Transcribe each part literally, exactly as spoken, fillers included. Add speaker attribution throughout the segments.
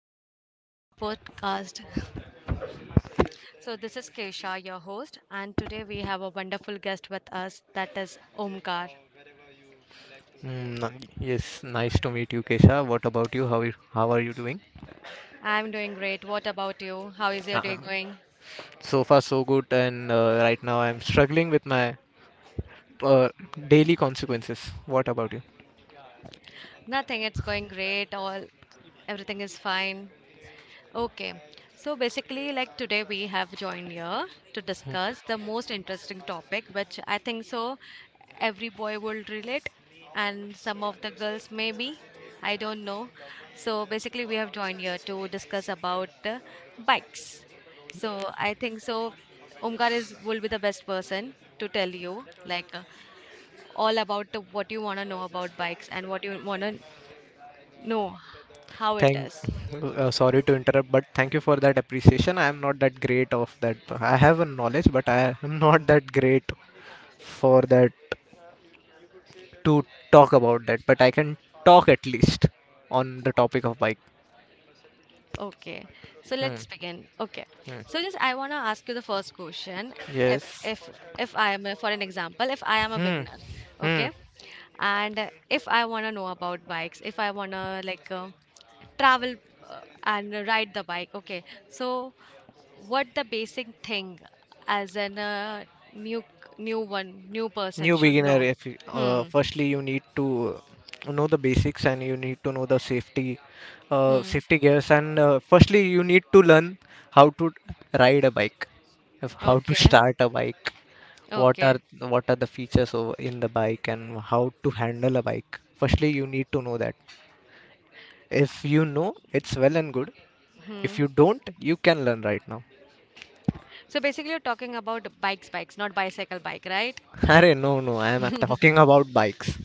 Speaker 1: guys. Welcome to my podcast. So, this is Kesha, your host, and today we have a wonderful guest with us that is Omkar.
Speaker 2: Mm, ni- yes, nice to meet you, Kesha. What about you? How are how are you doing?
Speaker 1: I'm doing great. What about you? How is your
Speaker 2: Uh,
Speaker 1: day going?
Speaker 2: so far, so good. And uh, right now, I'm struggling with my uh, daily consequences. What about you?
Speaker 1: Nothing. It's going great. All Everything is fine. Okay, so basically, like today we have joined here to discuss the most interesting topic, which I think so every boy will relate, and some of the girls maybe. I don't know. So basically, we have joined here to discuss about uh, bikes. So I think so. Omkar is will be the best person to tell you like uh, all about the, what you wanna know about bikes and what you wanna know how it
Speaker 2: Thank.
Speaker 1: is.
Speaker 2: Uh, sorry to interrupt, but thank you for that appreciation. I am not that great of that. I have a knowledge, but I am not that great for that to talk about that. But I can talk at least on the topic of bike.
Speaker 1: Okay, so
Speaker 2: Hmm.
Speaker 1: let's begin. Okay,
Speaker 2: Hmm.
Speaker 1: so just I want to ask you the first question. If
Speaker 2: Yes.
Speaker 1: if if I am a, for an example, if I am a
Speaker 2: Hmm.
Speaker 1: beginner,
Speaker 2: Hmm.
Speaker 1: okay, and uh, if I want to know about bikes, if I want to like uh, travel uh, and ride the bike, okay. So what the basic thing as an uh, new new one new person
Speaker 2: New
Speaker 1: should
Speaker 2: beginner
Speaker 1: know?
Speaker 2: if you- uh,
Speaker 1: Hmm.
Speaker 2: firstly you need to uh, know the basics, and you need to know the safety uh,
Speaker 1: Hmm.
Speaker 2: safety gears. And uh, firstly you need to learn how to ride a bike, of how to
Speaker 1: Okay.
Speaker 2: start a bike, what are
Speaker 1: Okay.
Speaker 2: what are the features over in the bike, and how to handle a bike. Firstly you need to know that. If you know, it's well and good. If
Speaker 1: Hmm.
Speaker 2: you don't, you can learn right now.
Speaker 1: So basically, you're talking about bikes, bikes, not bicycle bike, right?
Speaker 2: Arey, no no, I am talking about bikes.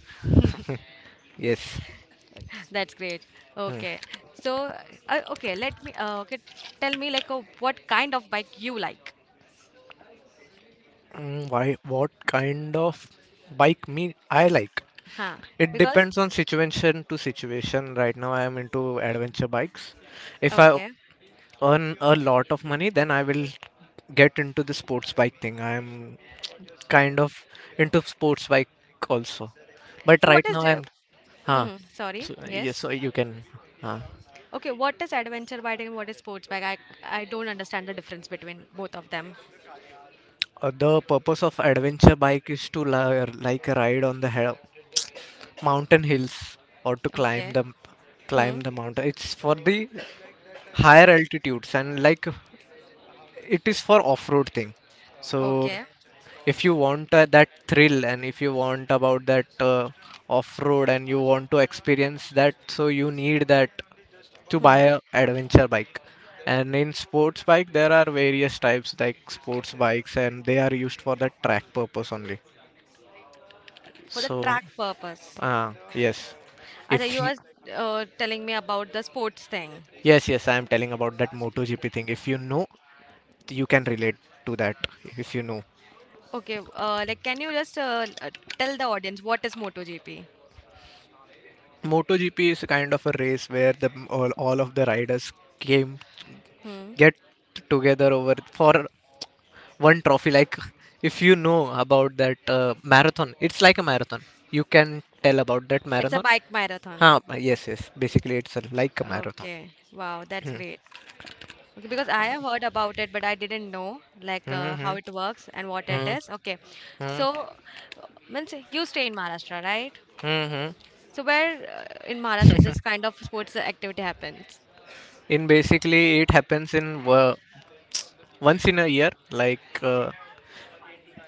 Speaker 2: Yes.
Speaker 1: That's great. Okay. So, uh, okay, let me, uh, okay, tell me like uh, what kind of bike you like.
Speaker 2: Mm, why, what kind of bike me I like?
Speaker 1: Huh.
Speaker 2: It
Speaker 1: Because,
Speaker 2: depends on situation to situation. Right now, I am into adventure bikes. If I
Speaker 1: okay.
Speaker 2: earn a lot of money, then I will get into the sports bike thing. I am kind of into sports bike also. But
Speaker 1: So what
Speaker 2: right
Speaker 1: is,
Speaker 2: now, I'm
Speaker 1: the- hmm,
Speaker 2: huh.
Speaker 1: hmm, sorry.
Speaker 2: So, uh, yes,
Speaker 1: Yes.
Speaker 2: so you can. Huh.
Speaker 1: Okay, what is adventure bike and what is sports bike? I, I don't understand the difference between both of them.
Speaker 2: Uh, the purpose of adventure bike is to li- like ride on the he mountain hills, or to climb
Speaker 1: Okay.
Speaker 2: the climb
Speaker 1: Hmm.
Speaker 2: the mountain. It's for the higher altitudes, and like it is for off-road thing. So
Speaker 1: Okay.
Speaker 2: if you want uh, that thrill, and if you want about that uh, off-road and you want to experience that, so you need that to buy
Speaker 1: Hmm.
Speaker 2: a adventure bike. And in sports bike there are various types like sports bikes, and they are used for the track purpose only.
Speaker 1: For the
Speaker 2: So
Speaker 1: track purpose.
Speaker 2: uh, yes,
Speaker 1: Acha,
Speaker 2: if
Speaker 1: you
Speaker 2: you,
Speaker 1: are uh, telling me about the sports thing.
Speaker 2: yes, yes, I am telling about that MotoGP thing. If you know, you can relate to that. If you know,
Speaker 1: Okay. Uh, like, can you just uh, uh, tell the audience what is MotoGP?
Speaker 2: MotoGP is kind of a race where the all, all of the riders came
Speaker 1: Hmm.
Speaker 2: get together over for one trophy. Like if you know about that uh, marathon, it's like a marathon. You can tell about that
Speaker 1: It's a
Speaker 2: marathon.
Speaker 1: bike marathon.
Speaker 2: Huh, yes, yes. Basically, it's a, like a marathon.
Speaker 1: Okay. Wow, that's
Speaker 2: Hmm.
Speaker 1: great. Okay, because I have heard about it, but I didn't know like
Speaker 2: Hmm.
Speaker 1: uh,
Speaker 2: Hmm.
Speaker 1: how it works and what it
Speaker 2: Hmm.
Speaker 1: is. Okay.
Speaker 2: Hmm.
Speaker 1: So, uh, means you stay in Maharashtra, right?
Speaker 2: Hmm, hmm.
Speaker 1: So where uh, in Maharashtra this kind of sports activity happens?
Speaker 2: In basically, it happens in uh, once in a year, like. Uh,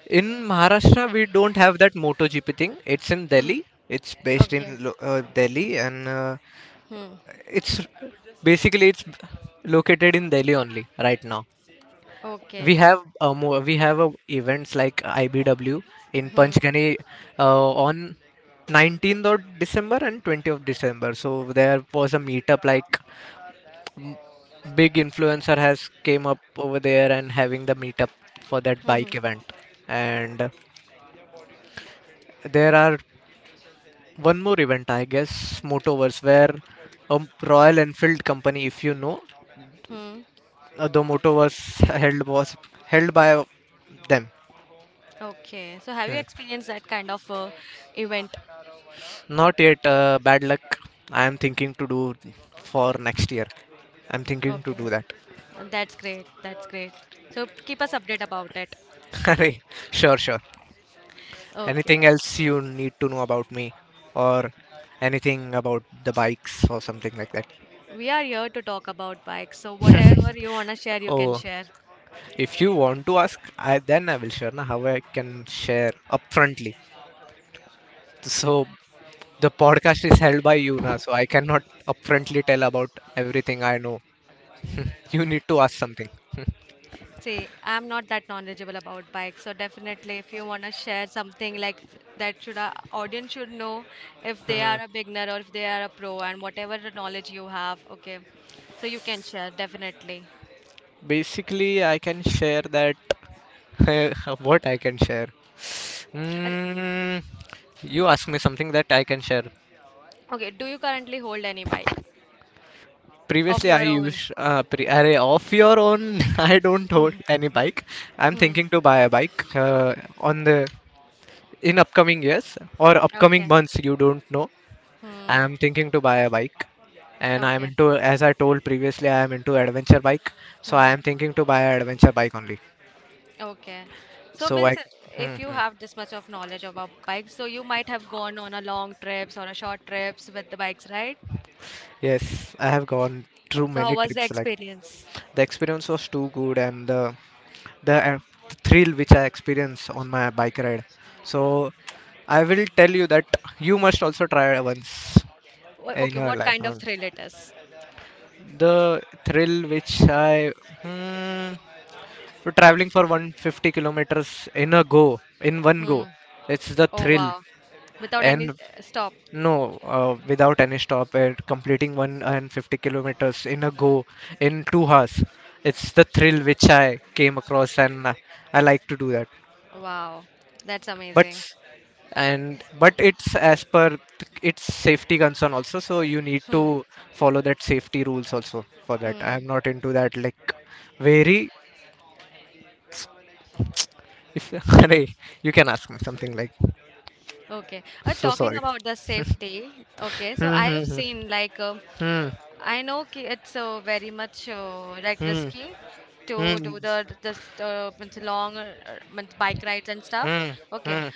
Speaker 2: In Maharashtra, we don't have that MotoGP thing. It's in Delhi. It's based in
Speaker 1: Okay.
Speaker 2: Lo- uh, Delhi, and uh,
Speaker 1: Hmm.
Speaker 2: it's basically it's located in Delhi only right now. We
Speaker 1: Okay.
Speaker 2: have a mo- we have a events like I B W in
Speaker 1: Hmm.
Speaker 2: Panchgani uh, on nineteenth of December and twentieth of December. So there was a meetup like m- big influencer has came up over there, and having the meetup for that
Speaker 1: Hmm.
Speaker 2: bike
Speaker 1: Hmm.
Speaker 2: event. And there are one more event, I guess, Motoverse, where a Royal Enfield company, if you know,
Speaker 1: Hmm.
Speaker 2: uh, the Motoverse held was held by them.
Speaker 1: Okay. So have you
Speaker 2: Hmm.
Speaker 1: experienced that kind of uh, event?
Speaker 2: Not yet. Uh, bad luck. I am thinking to do for next year. I'm thinking to
Speaker 1: Okay.
Speaker 2: do that.
Speaker 1: Uh, That's great. That's great. So keep us update about it.
Speaker 2: Arey, sure, sure.
Speaker 1: Okay.
Speaker 2: Anything else you need to know about me, or anything about the bikes or something like that?
Speaker 1: We are here to talk about bikes, so whatever you want to share, you can
Speaker 2: Oh,
Speaker 1: share.
Speaker 2: if you want to ask, I then I will share. Na, how I can share upfrontly. So the podcast is held by Yuna, so I cannot upfrontly tell about everything I know. You need to ask something.
Speaker 1: See, I'm not that knowledgeable about bikes, so definitely if you want to share something like th- that should our audience should know if they
Speaker 2: Hmm.
Speaker 1: are a beginner or if they are a pro and whatever the knowledge you have, okay. So you can share definitely.
Speaker 2: Basically, I can share that. What I can share?
Speaker 1: Ach-
Speaker 2: Hmm. You ask me something that I can share.
Speaker 1: Okay, do you currently hold any bike of
Speaker 2: Previously, I
Speaker 1: your own?
Speaker 2: used uh, pre- array off your own. I don't hold any bike. I'm
Speaker 1: Hmm.
Speaker 2: thinking to buy a bike uh, on the in upcoming years or upcoming
Speaker 1: Okay.
Speaker 2: months. You don't know.
Speaker 1: Hmm.
Speaker 2: I'm thinking to buy a bike, and I'm
Speaker 1: Okay.
Speaker 2: into, as I told previously, I am into adventure bike. So I
Speaker 1: Hmm.
Speaker 2: am thinking to buy an adventure bike only.
Speaker 1: Okay. So
Speaker 2: So I
Speaker 1: means uh, if you
Speaker 2: mhm.
Speaker 1: have this much of knowledge about bikes, so you might have gone on a long trips or a short trips with the bikes, right?
Speaker 2: Yes, I have gone through
Speaker 1: So how
Speaker 2: many
Speaker 1: was the
Speaker 2: trips like
Speaker 1: experience?
Speaker 2: the experience was too good. And the the uh, thrill which I experienced on my bike ride, so I will tell you that you must also try once
Speaker 1: Wha-
Speaker 2: in
Speaker 1: Okay,
Speaker 2: your
Speaker 1: what
Speaker 2: life,
Speaker 1: kind
Speaker 2: huh?
Speaker 1: of thrill it is?
Speaker 2: The thrill which I hmm, so traveling for a hundred fifty kilometers in a go, in one go,
Speaker 1: Hmm.
Speaker 2: it's the
Speaker 1: Oh
Speaker 2: thrill.
Speaker 1: wow. Without any
Speaker 2: And
Speaker 1: uh, stop.
Speaker 2: no, uh, without any stop, and completing one hundred fifty kilometers in a go in two hours, it's the thrill which I came across. And uh, I like to do that.
Speaker 1: Wow. That's
Speaker 2: But
Speaker 1: amazing.
Speaker 2: s- and but it's as per th- its safety concern also, so you need
Speaker 1: Hmm.
Speaker 2: to follow that safety rules also for that.
Speaker 1: Hmm.
Speaker 2: I'm not into that like very. If, arey, you can ask me something like.
Speaker 1: Okay. Uh,
Speaker 2: So
Speaker 1: talking
Speaker 2: sorry.
Speaker 1: about the safety. Okay. So
Speaker 2: Hmm,
Speaker 1: I have
Speaker 2: hmm,
Speaker 1: seen like uh,
Speaker 2: hmm,
Speaker 1: I know ki- it's uh, very much uh, like
Speaker 2: hmm,
Speaker 1: risky
Speaker 2: hmm,
Speaker 1: to
Speaker 2: hmm,
Speaker 1: do the this uh, means long uh, uh, means bike rides and stuff.
Speaker 2: hmm.
Speaker 1: Okay,
Speaker 2: Hmm.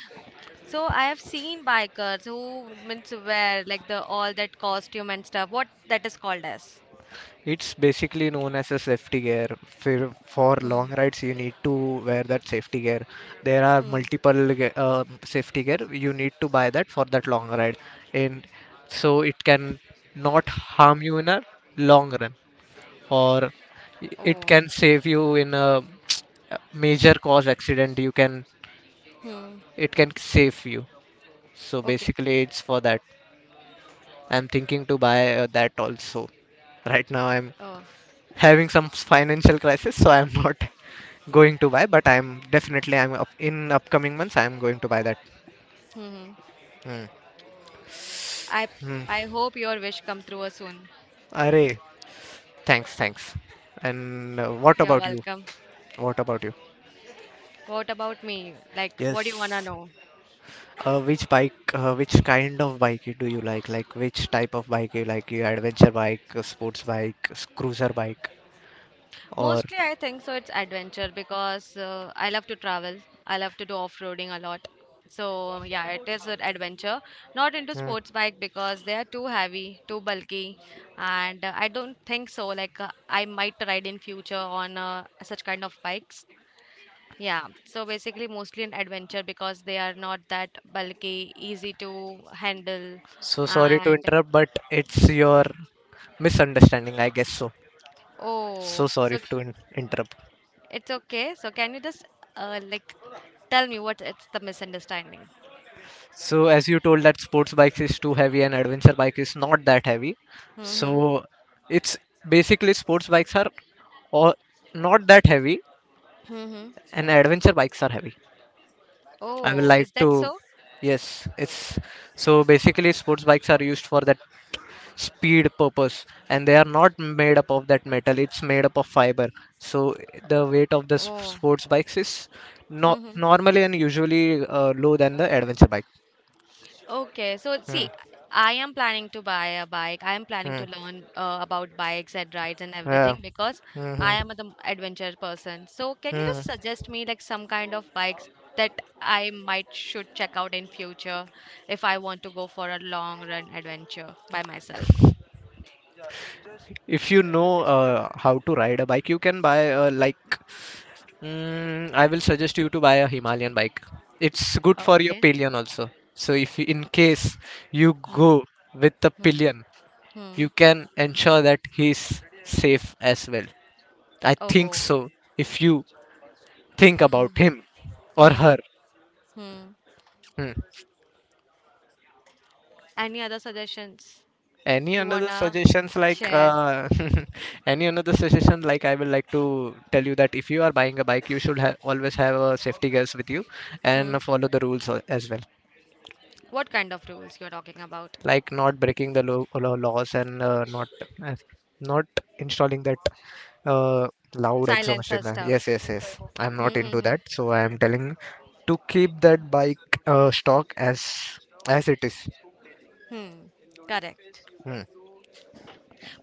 Speaker 1: so I have seen bikers who means wear like the all that costume and stuff. What that is called as?
Speaker 2: It's basically known as a safety gear. For, for
Speaker 1: Hmm.
Speaker 2: long rides, you need to wear that safety gear. There are
Speaker 1: Hmm.
Speaker 2: multiple ge- uh, safety gear. You need to buy that for that long ride, and so it can not harm you in a long run, or it
Speaker 1: Oh.
Speaker 2: can save you in a major cause accident. You can
Speaker 1: Hmm.
Speaker 2: it can save you. So
Speaker 1: Okay.
Speaker 2: basically, it's for that. I'm thinking to buy uh, that also. Right now, I'm
Speaker 1: Oh.
Speaker 2: having some financial crisis, so I'm not going to buy. But I'm definitely I'm up, in upcoming months, I'm going to buy that.
Speaker 1: Hmm. Hmm.
Speaker 2: Hmm.
Speaker 1: I
Speaker 2: Hmm.
Speaker 1: I hope your wish come through uh, soon.
Speaker 2: Array. Thanks. Thanks. And uh, what
Speaker 1: You're
Speaker 2: about you?
Speaker 1: welcome.
Speaker 2: What about you?
Speaker 1: What about me? Like, what do you wanna
Speaker 2: Yes.
Speaker 1: know?
Speaker 2: Uh, which bike? Uh, which kind of bike do you like? Like which type of bike you like? You adventure bike, uh, sports bike, s- cruiser bike, or?
Speaker 1: Mostly, I think so. It's adventure because uh, I love to travel. I love to do off-roading a lot. So yeah, it is an adventure. Not into
Speaker 2: Hmm.
Speaker 1: sports bike because they are too heavy, too bulky, and uh, I don't think so. Like uh, I might ride in future on uh, such kind of bikes. Yeah. So basically, mostly an adventure because they are not that bulky, easy to handle,
Speaker 2: So sorry to
Speaker 1: and
Speaker 2: interrupt, but it's your misunderstanding, I guess so.
Speaker 1: oh,
Speaker 2: So sorry
Speaker 1: so
Speaker 2: to in- interrupt.
Speaker 1: it's okay. So can you just uh, like tell me what it's the misunderstanding?
Speaker 2: So as you told that sports bike is too heavy, and adventure bike is not that heavy.
Speaker 1: Mm-hmm.
Speaker 2: So it's basically sports bikes are all not that heavy,
Speaker 1: Mm-hmm.
Speaker 2: and adventure bikes are heavy. I will
Speaker 1: Oh,
Speaker 2: like
Speaker 1: is that
Speaker 2: to
Speaker 1: so?
Speaker 2: yes, it's so basically sports bikes are used for that speed purpose, and they are not made up of that metal. It's made up of fiber. So the weight of the s-
Speaker 1: Oh.
Speaker 2: sports bikes is no-
Speaker 1: Mm-hmm.
Speaker 2: normally and usually uh, low than the adventure bike.
Speaker 1: Okay. So
Speaker 2: Hmm.
Speaker 1: see, I am planning to buy a bike. I am planning
Speaker 2: Hmm.
Speaker 1: to learn uh, about bikes and rides and
Speaker 2: Yeah.
Speaker 1: everything because I
Speaker 2: Hmm.
Speaker 1: am an adventure person. So can you
Speaker 2: Hmm.
Speaker 1: just suggest me like some kind of bikes that I might should check out in future if I want to go for a long run adventure by myself?
Speaker 2: If you know uh, how to ride a bike, you can buy a, like mm, I will suggest you to buy a Himalayan bike. It's good for your
Speaker 1: Okay.
Speaker 2: pillion also. So if you in case you
Speaker 1: Hmm.
Speaker 2: go with the
Speaker 1: Hmm.
Speaker 2: pillion,
Speaker 1: Hmm.
Speaker 2: you can ensure that he's safe as well. I think
Speaker 1: Oh.
Speaker 2: so. If you think
Speaker 1: Hmm.
Speaker 2: about him or
Speaker 1: Hmm.
Speaker 2: her.
Speaker 1: Hmm. Any other suggestions
Speaker 2: Any
Speaker 1: you
Speaker 2: another
Speaker 1: wanna
Speaker 2: suggestions like
Speaker 1: share?
Speaker 2: uh, any another suggestion like I will like to tell you that if you are buying a bike, you should ha- always have a safety gears with you,
Speaker 1: Hmm.
Speaker 2: and follow the rules a- as well.
Speaker 1: What kind of rules you're talking about?
Speaker 2: Like not breaking the law, law- laws, and uh, not uh, not installing that uh, loud exhaust
Speaker 1: Silencer
Speaker 2: in there. yes
Speaker 1: stuff.
Speaker 2: yes yes I'm
Speaker 1: Hmm.
Speaker 2: not
Speaker 1: Hmm.
Speaker 2: into
Speaker 1: Hmm.
Speaker 2: that, so I am telling to keep that bike uh, stock as as it is.
Speaker 1: Hmm. Correct.
Speaker 2: Hmm.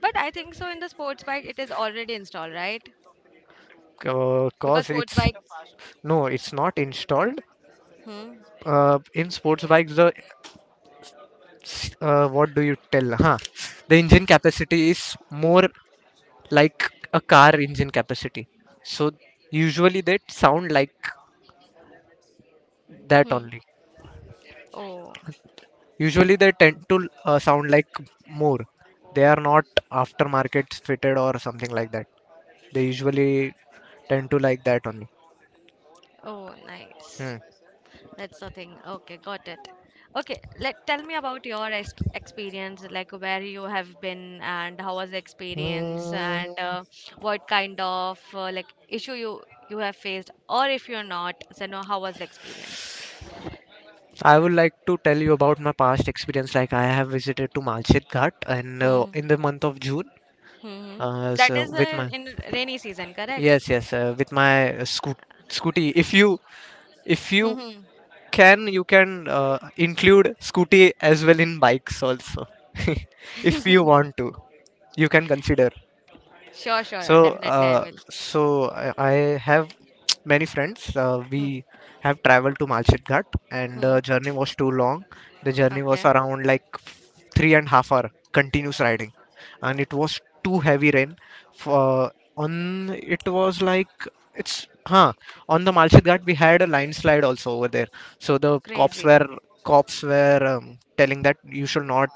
Speaker 1: But I think so in the sports bike it is already installed, right?
Speaker 2: Uh,
Speaker 1: Because
Speaker 2: cause
Speaker 1: sports
Speaker 2: it's
Speaker 1: bike.
Speaker 2: no, it's not installed
Speaker 1: Hmm.
Speaker 2: uh, in sports bikes. The uh, what do you tell, huh, the engine capacity is more, like a car engine capacity, so usually they sound like that
Speaker 1: Hmm.
Speaker 2: only.
Speaker 1: Oh.
Speaker 2: Usually they tend to uh, sound like more. They are not aftermarket fitted or something like that. They usually tend to like that only.
Speaker 1: Oh, nice.
Speaker 2: Hmm.
Speaker 1: That's the thing. Okay, got it. Okay, let tell me about your ex experience, like where you have been and how was the experience and
Speaker 2: Mm,
Speaker 1: uh, what kind of uh, like issue you you have faced or if you're not, so no, how was the experience?
Speaker 2: I would like to tell you about my past experience. Like I have visited to Malchet Ghat, and uh,
Speaker 1: Hmm.
Speaker 2: in the month of June,
Speaker 1: Hmm.
Speaker 2: Uh,
Speaker 1: That
Speaker 2: so
Speaker 1: is
Speaker 2: with
Speaker 1: uh,
Speaker 2: my
Speaker 1: in rainy season, correct?
Speaker 2: yes yes uh, with my uh, scoot scooty, if you if you
Speaker 1: Hmm.
Speaker 2: can, you can uh, include scooty as well in bikes also. If you want to, you can consider.
Speaker 1: Sure, sure,
Speaker 2: So
Speaker 1: definitely I
Speaker 2: uh,
Speaker 1: will.
Speaker 2: so I, I have many friends. Uh,
Speaker 1: Hmm.
Speaker 2: we have traveled to Malchit Ghat, and
Speaker 1: Hmm.
Speaker 2: the journey was too long. The journey was
Speaker 1: Okay.
Speaker 2: around like three and half hour continuous riding, and it was too heavy rain. For on it was like it's huh on the Malchit Ghat, we had a landslide also over there. So the cops
Speaker 1: Crazy.
Speaker 2: were cops were um, telling that you should not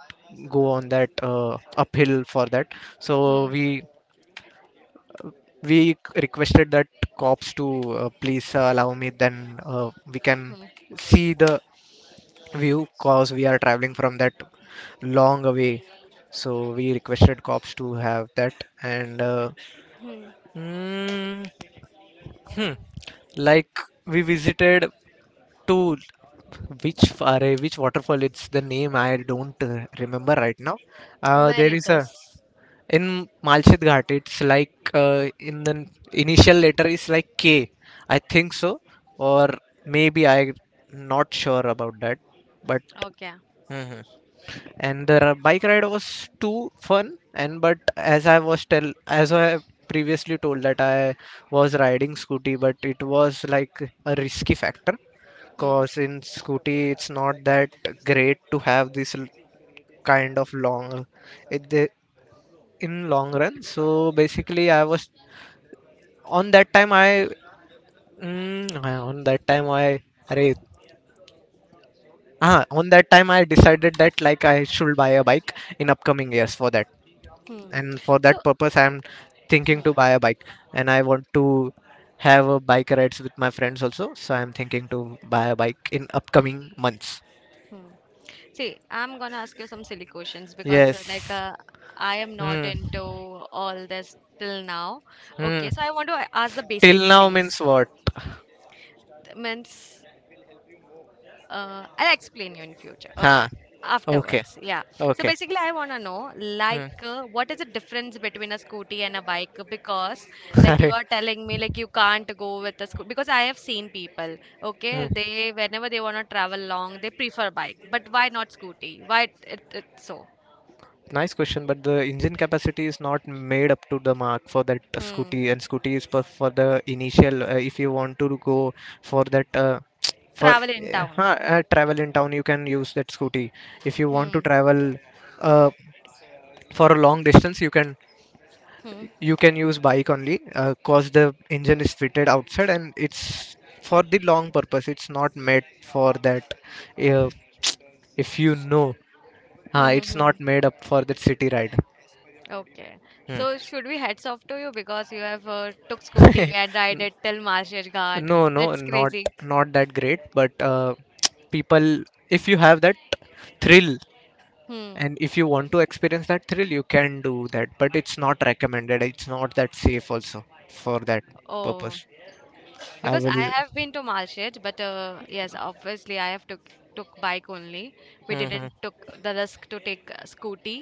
Speaker 2: go on that uh, uphill for that. So
Speaker 1: Hmm.
Speaker 2: we we requested that cops to uh, please uh, allow me, then uh, we can
Speaker 1: Hmm.
Speaker 2: see the view, cause we are traveling from that long away. So we requested cops to have that. And uh,
Speaker 1: Hmm.
Speaker 2: mm, hmm, like we visited to which are which waterfall, it's the name I don't uh, remember right now. Uh,
Speaker 1: Where
Speaker 2: there
Speaker 1: it
Speaker 2: is a
Speaker 1: is.
Speaker 2: in Malchit Ghat, it's like uh, in the initial letter is like K. I think so, or maybe I not sure about that. But
Speaker 1: Okay.
Speaker 2: mhm. And the bike ride was too fun. And but as I was tell, as I have previously told that I was riding scooty, but it was like a risky factor.
Speaker 1: Hmm.
Speaker 2: Cause in scooty, it's not that great to have this l- kind of long. It, the in long run, so basically I was on that time I mm, uh, on that time i array, ah, on that time I decided that like I should buy a bike in upcoming years for that.
Speaker 1: Hmm.
Speaker 2: And for that
Speaker 1: So
Speaker 2: purpose, I'm thinking to buy a bike, and I want to have a bike rides with my friends also, so I'm thinking to buy a bike in upcoming months.
Speaker 1: Hmm. See, I'm gonna ask you some silly questions because, uh, like,
Speaker 2: Yes.
Speaker 1: uh, I am not
Speaker 2: Hmm.
Speaker 1: into all this till now.
Speaker 2: Hmm.
Speaker 1: Okay, so I want to a- ask the
Speaker 2: Till
Speaker 1: basic
Speaker 2: now
Speaker 1: things.
Speaker 2: means what?
Speaker 1: Th- Means uh, I'll explain you in future.
Speaker 2: Huh.
Speaker 1: Okay.
Speaker 2: Okay.
Speaker 1: Afterwards, yeah. So
Speaker 2: Okay.
Speaker 1: basically, I want to know
Speaker 2: Hmm.
Speaker 1: like uh, what is the difference between a scooty and a bike? Because like you
Speaker 2: Arey.
Speaker 1: are telling me like you can't go with a scooty because I have seen people.
Speaker 2: Hmm.
Speaker 1: Okay, they whenever they want to travel long, they prefer bike. But why not scooty? Why it, it, it's so?
Speaker 2: Nice question, but the engine capacity is not made up to the mark for that
Speaker 1: Hmm.
Speaker 2: scooty, and scooty is for, for the initial. Uh, if you want to go for that, uh, for
Speaker 1: Travel in
Speaker 2: uh,
Speaker 1: town.
Speaker 2: huh, uh, travel in town, you can use that scooty. If you want
Speaker 1: Hmm.
Speaker 2: to travel, uh, for a long distance, you can
Speaker 1: Hmm.
Speaker 2: you can use bike only, uh, cause the engine is fitted outside, and it's for the long purpose. It's not made for that. Uh, if you know,
Speaker 1: Hmm.
Speaker 2: uh,
Speaker 1: Hmm.
Speaker 2: it's
Speaker 1: Hmm.
Speaker 2: not made up for that city ride.
Speaker 1: Okay.
Speaker 2: Hmm.
Speaker 1: So should we heads off to you because you have uh, took scooty and ride it till Malshet Ghat.
Speaker 2: No, no,
Speaker 1: That's
Speaker 2: not
Speaker 1: crazy.
Speaker 2: not that great, but uh, people, if you have that thrill
Speaker 1: Hmm.
Speaker 2: and if you want to experience that thrill, you can do that, but it's not recommended. It's not that safe also for that
Speaker 1: Oh,
Speaker 2: purpose. I
Speaker 1: because I
Speaker 2: will,
Speaker 1: have been to Malshet, but uh, yes, obviously I have took took bike only. We
Speaker 2: hmm
Speaker 1: didn't took the risk to take uh, scooty.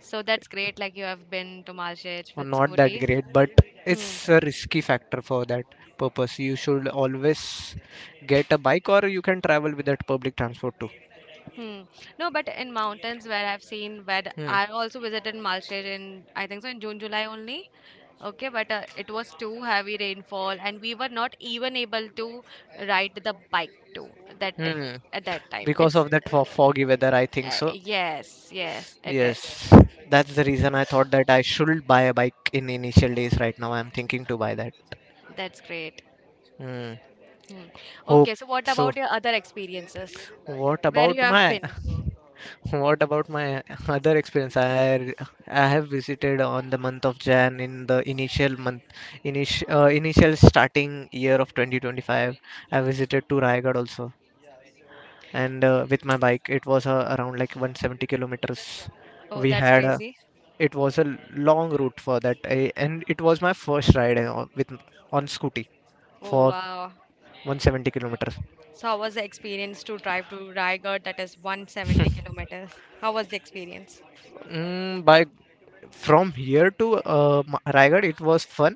Speaker 1: So that's great. Like you have been to Malshet with
Speaker 2: Not that
Speaker 1: scooty.
Speaker 2: great, but
Speaker 1: Hmm.
Speaker 2: it's a risky factor for that purpose. You should always get a bike or you can travel with that public transport too.
Speaker 1: Hmm. No, but in mountains where I've seen where
Speaker 2: Hmm.
Speaker 1: I also visited Malshet in I think so in June July only. Okay, but uh, it was too heavy rainfall, and we were not even able to ride the bike too that t-
Speaker 2: Hmm.
Speaker 1: at that time.
Speaker 2: Because
Speaker 1: It's
Speaker 2: of that fo- foggy weather, I think
Speaker 1: uh,
Speaker 2: so.
Speaker 1: yes, yes, it
Speaker 2: Yes,
Speaker 1: is.
Speaker 2: that's the reason I thought that I should buy a bike in initial days. Right now, I'm thinking to buy that.
Speaker 1: That's great.
Speaker 2: Hmm.
Speaker 1: Hmm.
Speaker 2: Hope
Speaker 1: Okay, so what
Speaker 2: so.
Speaker 1: about your other experiences?
Speaker 2: What
Speaker 1: Where you
Speaker 2: about
Speaker 1: have
Speaker 2: my
Speaker 1: been?
Speaker 2: what about my other experience? I I have visited on the month of Jan in the initial month, initial uh, initial starting year of twenty twenty-five. I visited to Raigad also, and uh, with my bike, it was uh, around like one hundred seventy kilometers.
Speaker 1: Oh,
Speaker 2: We
Speaker 1: that's
Speaker 2: had a
Speaker 1: crazy.
Speaker 2: It was a long route for that I, and it was my first ride, uh, with on scooty for
Speaker 1: Oh wow.
Speaker 2: one hundred seventy kilometers.
Speaker 1: So how was the experience to drive to Raigad? That is one hundred seventy kilometers. How was the experience?
Speaker 2: Mm, by From here to uh, Ma- Raigad, it was fun.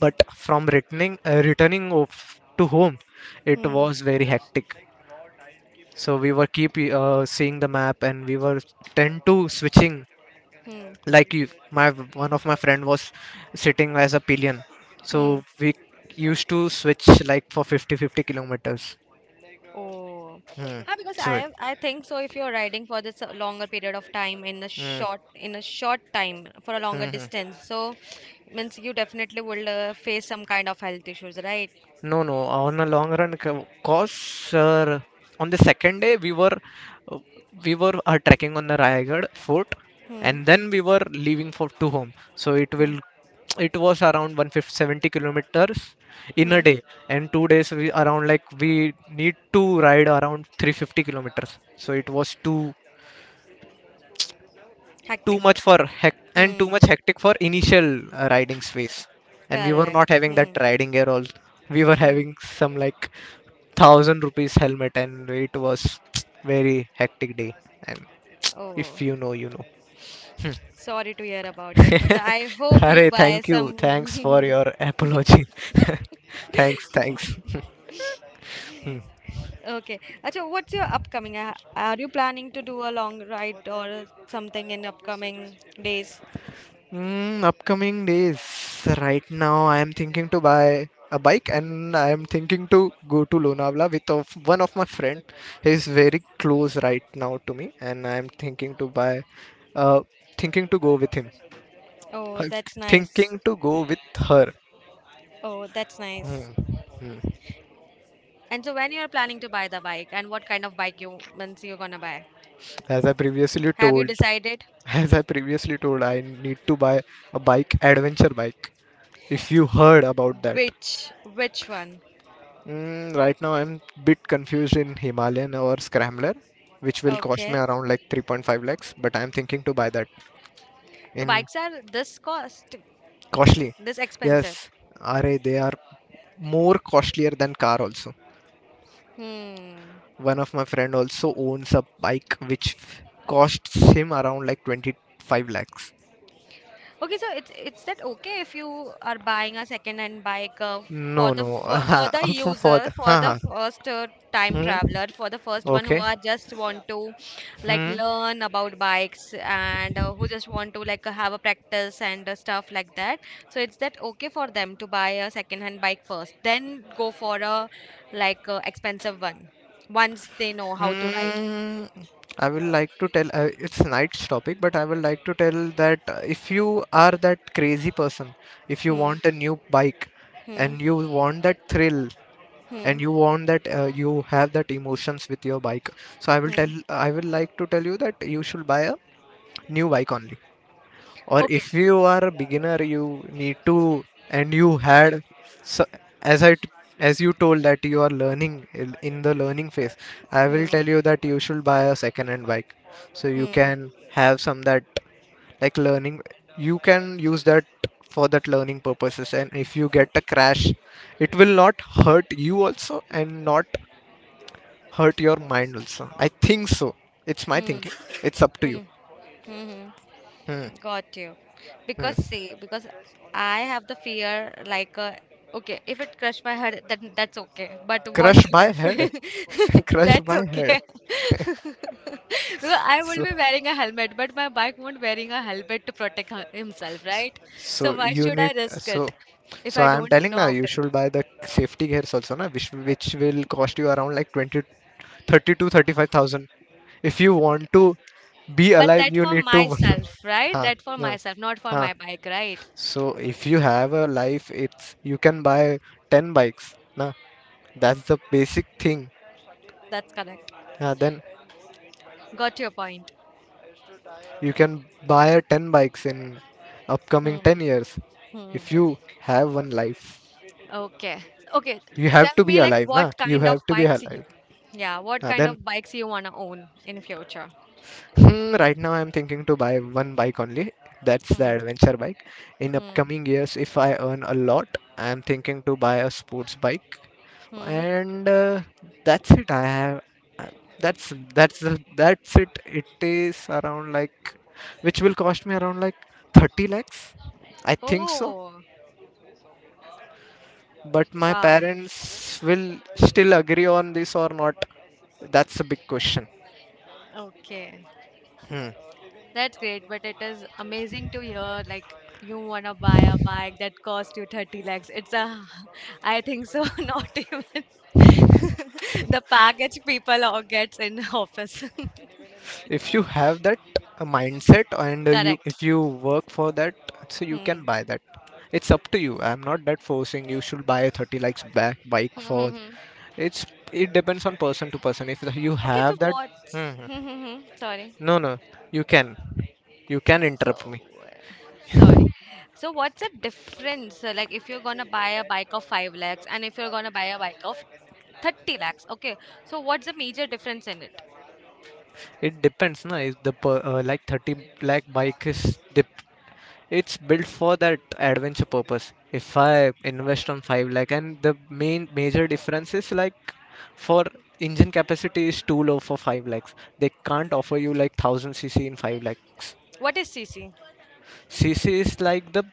Speaker 2: But from returning uh, returning of, to home, it
Speaker 1: Hmm.
Speaker 2: was very hectic. So we were keep, uh, seeing the map, and we were tend to switching.
Speaker 1: Hmm.
Speaker 2: Like you, my One of my friend was sitting as a pillion, so
Speaker 1: Hmm.
Speaker 2: we used to switch like for fifty fifty kilometers.
Speaker 1: Oh,
Speaker 2: Hmm.
Speaker 1: ah, because
Speaker 2: Sure.
Speaker 1: I
Speaker 2: it
Speaker 1: have, I think so. If you're riding for this uh, longer period of time in a
Speaker 2: Mm,
Speaker 1: short in a short time for a longer
Speaker 2: mm-hmm.
Speaker 1: distance, so means you definitely will uh, face some kind of health issues, right?
Speaker 2: No, no. On a long run, co- course, uh, on the second day we were, uh, we were uh, trekking on the Raigad fort,
Speaker 1: Hmm.
Speaker 2: and then we were leaving for to home. So it
Speaker 1: Hmm.
Speaker 2: will it was around one hundred seventy kilometers in a
Speaker 1: Hmm.
Speaker 2: day, and two days we around like we need to ride around three hundred fifty kilometers. So it was too too
Speaker 1: Hectic.
Speaker 2: much for hec- and
Speaker 1: Hmm.
Speaker 2: too much hectic for initial, uh, riding space. And we were
Speaker 1: Correct.
Speaker 2: not having that
Speaker 1: Hmm.
Speaker 2: riding gear all. We were
Speaker 1: Hmm.
Speaker 2: having some like thousand rupees helmet, and it was very hectic day. And
Speaker 1: Oh,
Speaker 2: if you know, you know.
Speaker 1: sorry to hear about it, but I hope you
Speaker 2: Hare,
Speaker 1: buy
Speaker 2: thank you, thanks for
Speaker 1: some.
Speaker 2: your apology. Thanks, thanks.
Speaker 1: Okay. Achha, what's your upcoming? uh, Are you planning to do a long ride or something in upcoming days?
Speaker 2: Mm, upcoming days. Right now, I am thinking to buy a bike, and I am thinking to go to Lonavala with of one of my friend. He is very close right now to me, and I am thinking to buy. Uh, Thinking to go with him.
Speaker 1: Oh,
Speaker 2: Uh,
Speaker 1: that's nice.
Speaker 2: Thinking to go with her.
Speaker 1: Oh, that's nice.
Speaker 2: Hmm. Hmm.
Speaker 1: And so when you're planning to buy the bike and what kind of bike you means you're gonna buy?
Speaker 2: As I previously
Speaker 1: Have you
Speaker 2: told,
Speaker 1: decided
Speaker 2: as I previously told, I need to buy a bike, adventure bike. If you heard about that.
Speaker 1: which which one?
Speaker 2: Mm, right now, I'm bit confused in Himalayan or Scrambler, which will cost me
Speaker 1: Okay.
Speaker 2: around like three point five lakhs. But I'm thinking to buy that
Speaker 1: So
Speaker 2: in
Speaker 1: bikes are this cost
Speaker 2: costly.
Speaker 1: this expensive.
Speaker 2: Yes, are they are more costlier than car also.
Speaker 1: Hmm.
Speaker 2: One of my friend also owns a bike which costs him around like twenty-five lakhs.
Speaker 1: Okay, so it's it's that okay if you are buying a second-hand bike uh, for
Speaker 2: No,
Speaker 1: the
Speaker 2: no.
Speaker 1: fir- for the
Speaker 2: for for
Speaker 1: user
Speaker 2: the,
Speaker 1: for
Speaker 2: huh,
Speaker 1: the
Speaker 2: huh.
Speaker 1: first uh, time
Speaker 2: Hmm?
Speaker 1: traveler for the first one who
Speaker 2: Okay.
Speaker 1: are just want to like
Speaker 2: Hmm?
Speaker 1: learn about bikes and uh, who just want to like have a practice and uh, stuff like that. So it's that okay for them to buy a second-hand bike first, then go for a like uh, expensive one once they know how to ride.
Speaker 2: Hmm, I will like to tell, uh, it's night's topic, but I will like to tell that uh, if you are that crazy person, if you
Speaker 1: Hmm.
Speaker 2: want a new bike,
Speaker 1: Hmm.
Speaker 2: and you want that thrill,
Speaker 1: Hmm.
Speaker 2: and you want that uh, you have that emotions with your bike, so I will tell,
Speaker 1: Hmm.
Speaker 2: I will like to tell you that you should buy a new bike only, or
Speaker 1: Okay.
Speaker 2: if you are a beginner you need to, and you had so, as i t- as you told that you are learning in in the learning phase. I will
Speaker 1: Hmm.
Speaker 2: tell you that you should buy a second hand bike, so you
Speaker 1: Hmm.
Speaker 2: can have some that like learning, you can use that for that learning purposes, and if you
Speaker 1: Hmm.
Speaker 2: get a crash, it will not hurt you also, and not hurt your mind also, I think so. It's my
Speaker 1: Hmm.
Speaker 2: thinking. It's up to you.
Speaker 1: Hmm. Mm-hmm.
Speaker 2: Hmm,
Speaker 1: Got you.
Speaker 2: hmm.
Speaker 1: Because see, because I have the fear like uh, okay, if it crushed my head, then that's okay. But what
Speaker 2: Crush by
Speaker 1: if
Speaker 2: head. Crushed
Speaker 1: that's
Speaker 2: my head.
Speaker 1: okay? Because I will
Speaker 2: So,
Speaker 1: be wearing a helmet, but my bike won't wearing a helmet to protect her- himself, right? So
Speaker 2: so
Speaker 1: why
Speaker 2: you
Speaker 1: should I
Speaker 2: need,
Speaker 1: risk it
Speaker 2: so
Speaker 1: if
Speaker 2: so
Speaker 1: I
Speaker 2: I am
Speaker 1: don't
Speaker 2: telling
Speaker 1: know
Speaker 2: now
Speaker 1: how
Speaker 2: you
Speaker 1: to
Speaker 2: should
Speaker 1: ride?
Speaker 2: buy the safety gears also na, which which will cost you around like twenty, thirty to thirty-five thousand, if you
Speaker 1: Okay,
Speaker 2: want to be
Speaker 1: but
Speaker 2: alive
Speaker 1: that
Speaker 2: you
Speaker 1: for
Speaker 2: need to.
Speaker 1: myself, right?
Speaker 2: Huh,
Speaker 1: That for
Speaker 2: no,
Speaker 1: myself, not for
Speaker 2: huh.
Speaker 1: my bike, right?
Speaker 2: So if you have a life, it's you can buy ten bikes na, that's the basic thing.
Speaker 1: That's correct.
Speaker 2: Uh, then
Speaker 1: Got your point.
Speaker 2: you can buy ten bikes in upcoming
Speaker 1: Hmm.
Speaker 2: ten years,
Speaker 1: Hmm.
Speaker 2: if you have one life.
Speaker 1: Okay. Okay.
Speaker 2: You have to
Speaker 1: Tell
Speaker 2: be
Speaker 1: me like
Speaker 2: alive, na?
Speaker 1: what
Speaker 2: You
Speaker 1: kind of
Speaker 2: have to be
Speaker 1: bikes you
Speaker 2: alive.
Speaker 1: yeah, what
Speaker 2: Uh,
Speaker 1: kind
Speaker 2: then,
Speaker 1: of bikes you wanna own in future?
Speaker 2: hmm, right now I'm thinking to buy one bike only. That's the
Speaker 1: Hmm.
Speaker 2: adventure bike. In
Speaker 1: Hmm.
Speaker 2: upcoming years, if I earn a lot, I'm thinking to buy a sports bike.
Speaker 1: Hmm.
Speaker 2: And uh, that's it. I have. I- That's that's the- that's it. It is around like, which will cost me around like thirty lakhs. I think so.
Speaker 1: Oh,
Speaker 2: But my
Speaker 1: wow.
Speaker 2: parents will still agree on this or not. That's a big question.
Speaker 1: Okay.
Speaker 2: Hmm.
Speaker 1: That's great, but it is amazing to hear like you wanna buy a bike that cost you thirty lakhs. It's a I think so not even the package people all gets in office.
Speaker 2: If you have that, uh, mindset, and uh, you
Speaker 1: Correct.
Speaker 2: if you work for that, so you
Speaker 1: Hmm.
Speaker 2: can buy that. It's up to you. I'm not that forcing you should buy a thirty likes back bike
Speaker 1: Hmm,
Speaker 2: for.
Speaker 1: hmm, hmm.
Speaker 2: It's it depends on person to person, if you
Speaker 1: Okay, so
Speaker 2: have that.
Speaker 1: what?
Speaker 2: Mhm.
Speaker 1: Hmm, hmm. Sorry.
Speaker 2: No, no. You can you can interrupt
Speaker 1: So,
Speaker 2: me.
Speaker 1: uh, sorry. So, what's the difference? uh, Like, if you're gonna buy a bike of five lakhs and if you're gonna buy a bike of thirty lakhs, okay. So, what's the major difference in it?
Speaker 2: It depends na. If the per, uh, like thirty lakh bike is dip, it's built for that adventure purpose. If I invest on five lakh, and the main major difference is like for engine capacity is too low for five lakhs, they can't offer you like one thousand cc in five lakhs.
Speaker 1: What is cc?
Speaker 2: Cc is like the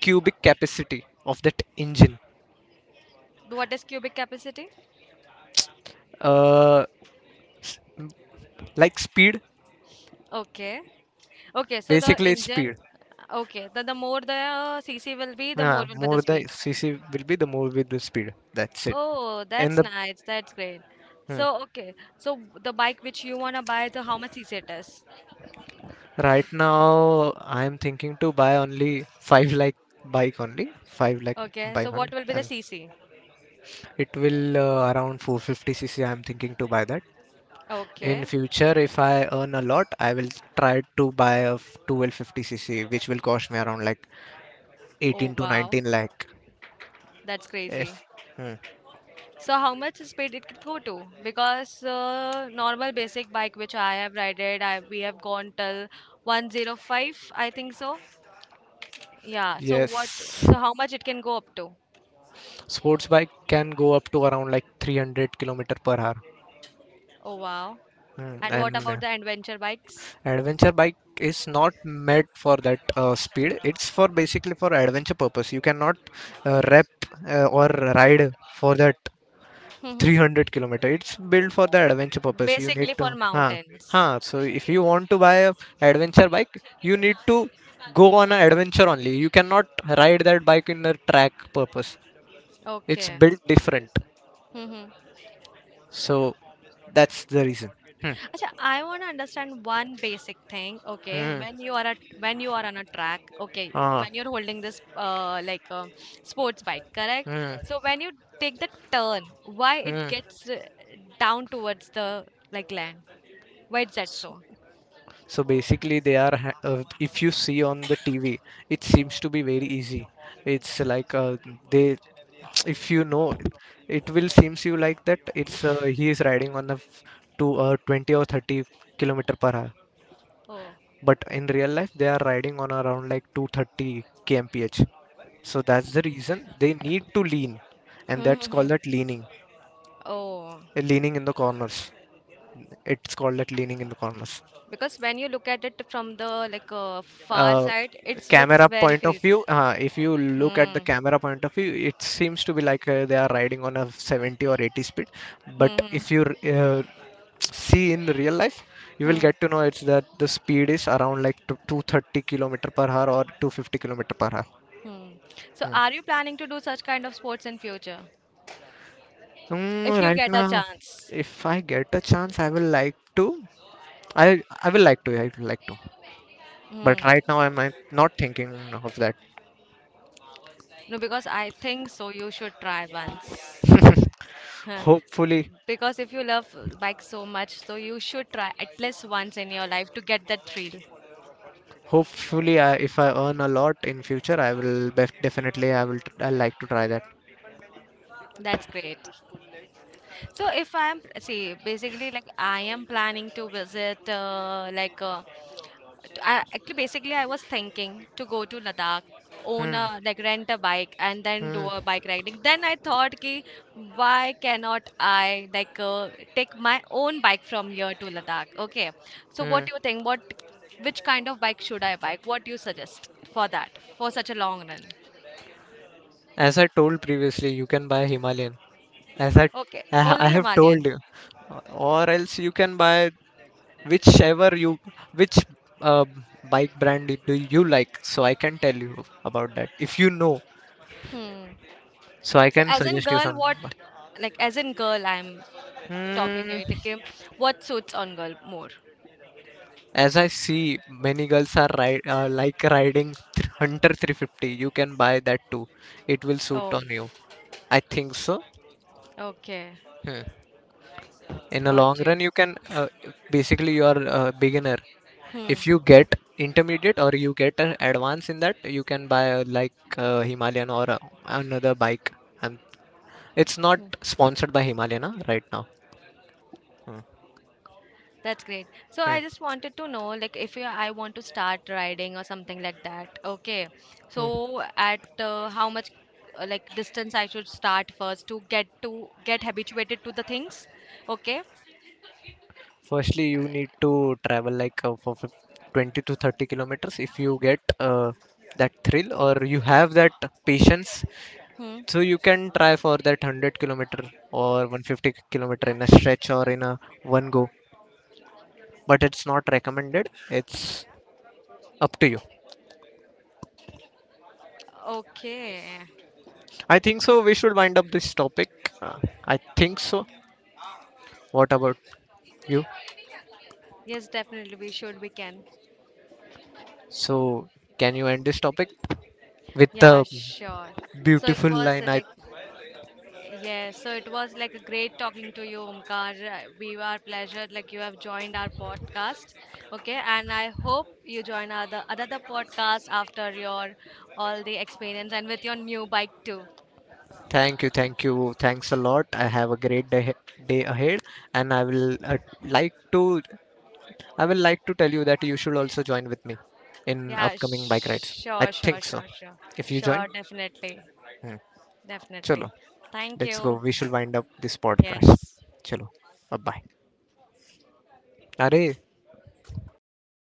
Speaker 2: cubic capacity of that engine.
Speaker 1: What is cubic capacity?
Speaker 2: uh like speed.
Speaker 1: Okay. Okay, so the
Speaker 2: Basically, it's
Speaker 1: engine,
Speaker 2: speed.
Speaker 1: okay, the, the more the cc will be, the more
Speaker 2: Yeah,
Speaker 1: will be the
Speaker 2: more the
Speaker 1: speed.
Speaker 2: cc will be, the more with the speed, that's it.
Speaker 1: Oh,
Speaker 2: And
Speaker 1: that's
Speaker 2: the,
Speaker 1: nice. That's great.
Speaker 2: hmm.
Speaker 1: So, okay. So, the bike which you wanna buy, so how much cc it is?
Speaker 2: Right now, I'm thinking to buy only five lakh bike only, five lakh
Speaker 1: Okay, so
Speaker 2: bike
Speaker 1: what
Speaker 2: only,
Speaker 1: will be the
Speaker 2: and
Speaker 1: cc?
Speaker 2: it will, uh, around four fifty c c. I'm thinking to buy that. In
Speaker 1: Okay.
Speaker 2: future, if I earn a lot, I will try to buy a twelve fifty c c, which will cost me around like
Speaker 1: Oh,
Speaker 2: eighteen to
Speaker 1: wow.
Speaker 2: nineteen lakh.
Speaker 1: That's crazy.
Speaker 2: Yes. Hmm.
Speaker 1: So how much speed it could go to? Because uh, normal basic bike which I have rided, I we have gone till one oh five, I think so. Yeah. So what?
Speaker 2: Yes,
Speaker 1: So how much it can go up to?
Speaker 2: sports bike can go up to around like three hundred kilometer per hour.
Speaker 1: Oh wow.
Speaker 2: Hmm.
Speaker 1: And what about
Speaker 2: And
Speaker 1: the adventure bikes?
Speaker 2: adventure bike is not made for that uh, speed. It's for basically for adventure purpose. You cannot uh, rep uh, or ride for that three hundred kilometer. It's built for the adventure purpose. You need
Speaker 1: Basically
Speaker 2: to,
Speaker 1: for
Speaker 2: huh.
Speaker 1: mountains.
Speaker 2: Huh. So if you want to buy a adventure bike, you need to go on an adventure only. You cannot ride that bike in the track purpose. It's
Speaker 1: Okay.
Speaker 2: built different. So that's the reason. Hmm.
Speaker 1: Acha, I want to understand one basic thing. Okay,
Speaker 2: Hmm.
Speaker 1: when you are at when you are on a track, okay,
Speaker 2: Ah.
Speaker 1: when you're holding this uh, like um sports bike, correct?
Speaker 2: Hmm.
Speaker 1: So when you take the turn, why it
Speaker 2: Hmm.
Speaker 1: gets uh, down towards the like land? Why is that so?
Speaker 2: So basically, they are. ha- Uh, if you see on the T V, it seems to be very easy. It's like, uh, they, if you know, it it will seems you like that. It's, uh, he is riding on a f- to, uh, twenty or thirty kilometer per hour.
Speaker 1: Oh,
Speaker 2: But in real life, they are riding on around like two thirty kmph. So that's the reason they need to lean, and
Speaker 1: Hmm,
Speaker 2: that's
Speaker 1: hmm,
Speaker 2: called
Speaker 1: hmm.
Speaker 2: that leaning,
Speaker 1: Oh,
Speaker 2: uh, leaning in the corners. It's called that leaning in the corners.
Speaker 1: because when you look at it from the like uh, far
Speaker 2: Uh,
Speaker 1: side, it looks
Speaker 2: camera
Speaker 1: very
Speaker 2: point of
Speaker 1: crazy.
Speaker 2: view uh, If you look at the
Speaker 1: Hmm.
Speaker 2: camera point of view, it seems to be like, uh, they are riding on a seventy or eighty speed, but
Speaker 1: Hmm. Hmm.
Speaker 2: if you uh, see in the real life, you will
Speaker 1: Hmm.
Speaker 2: get to know it's that the speed is around like to two hundred thirty kilometer per hour or two hundred fifty kilometer per hour.
Speaker 1: Hmm. So,
Speaker 2: Hmm.
Speaker 1: are you planning to do such kind of sports in future?
Speaker 2: Mm,
Speaker 1: If you
Speaker 2: right
Speaker 1: get a
Speaker 2: now,
Speaker 1: chance.
Speaker 2: if I get a chance, i will like to i i will like to I would like to. But
Speaker 1: Mm.
Speaker 2: right now I'm uh, not thinking of that.
Speaker 1: No, because I think so. You should try once. Huh.
Speaker 2: Hopefully.
Speaker 1: Because if you love bike so much, so you should try at least once in your life to get that thrill.
Speaker 2: Hopefully, I, if I earn a lot in future, I will bef definitely I will I like to try that.
Speaker 1: That's great. So if I'm see basically like I am planning to visit uh, like uh, t- I, actually basically I was thinking to go to Ladakh own
Speaker 2: Hmm,
Speaker 1: a like rent a bike and then do
Speaker 2: hmm,
Speaker 1: a bike riding then I thought ki why cannot I like uh, take my own bike from here to Ladakh, okay, so what
Speaker 2: hmm.
Speaker 1: do you think what which kind of bike should I buy? What do you suggest for that for such a long run?
Speaker 2: As I told previously, you can buy Himalayan. As I,
Speaker 1: Okay,
Speaker 2: I ha- I
Speaker 1: only
Speaker 2: have
Speaker 1: Himalayan.
Speaker 2: told you, or else you can buy whichever you which uh, bike brand do you like. So I can tell you about that if you know.
Speaker 1: Hmm.
Speaker 2: So I
Speaker 1: So
Speaker 2: can
Speaker 1: as in
Speaker 2: suggest you
Speaker 1: girl,
Speaker 2: something.
Speaker 1: what like as in girl, I'm talking you
Speaker 2: Hmm.
Speaker 1: like um, what suits on girl more.
Speaker 2: As I see, many girls are ride, uh, like riding th- Hunter three fifty. You can buy that too. It will suit
Speaker 1: Oh,
Speaker 2: on you. I think so.
Speaker 1: okay,
Speaker 2: Hmm. In the
Speaker 1: got
Speaker 2: long
Speaker 1: you.
Speaker 2: run, you can uh, basically you are a beginner.
Speaker 1: Hmm.
Speaker 2: If you get intermediate or you get an advance in that, you can buy a, like, uh, Himalayan or uh, another bike. Um, it's not
Speaker 1: Hmm.
Speaker 2: sponsored by Himalayan, huh, right now. Hmm.
Speaker 1: That's great. So I just wanted to know, like, if you, I want to start riding or something like that, okay.
Speaker 2: Hmm.
Speaker 1: So at uh, how much, uh, like, distance I should start first to get to get habituated to the things, okay?
Speaker 2: Firstly, you need to travel like uh, for fif- twenty to thirty kilometers, if you get uh, that thrill or you have that patience.
Speaker 1: Hmm.
Speaker 2: So you can try for that one hundred kilometer or one hundred fifty kilometer in a stretch or in a one go. But it's not recommended. It's up to you.
Speaker 1: Okay.
Speaker 2: I think so. We should wind up this topic. Uh, I think so. What about you?
Speaker 1: Yes, definitely we should. We can.
Speaker 2: So can you end this topic with
Speaker 1: Yeah,
Speaker 2: the
Speaker 1: sure. So it
Speaker 2: beautiful
Speaker 1: was uh,
Speaker 2: line? I.
Speaker 1: like, yeah, so it was like a great talking to you, Omkar. Uh, We are pleasure like you have joined our podcast. Okay, and I hope you join other another podcast after your all the experience and with your new bike too.
Speaker 2: Thank you, thank you. Thanks a lot. I have a great day, day ahead, and I will uh, like to I will like to tell you that you should also join with me in
Speaker 1: Yeah,
Speaker 2: upcoming bike rides. I
Speaker 1: sure, sure,
Speaker 2: think so.
Speaker 1: sure, sure,
Speaker 2: If you join,
Speaker 1: sure, definitely,
Speaker 2: hmm.
Speaker 1: definitely.
Speaker 2: Chalo,
Speaker 1: Thank
Speaker 2: let's go.
Speaker 1: you.
Speaker 2: We should wind up this podcast.
Speaker 1: Yes.
Speaker 2: Chalo, bye bye. अरे.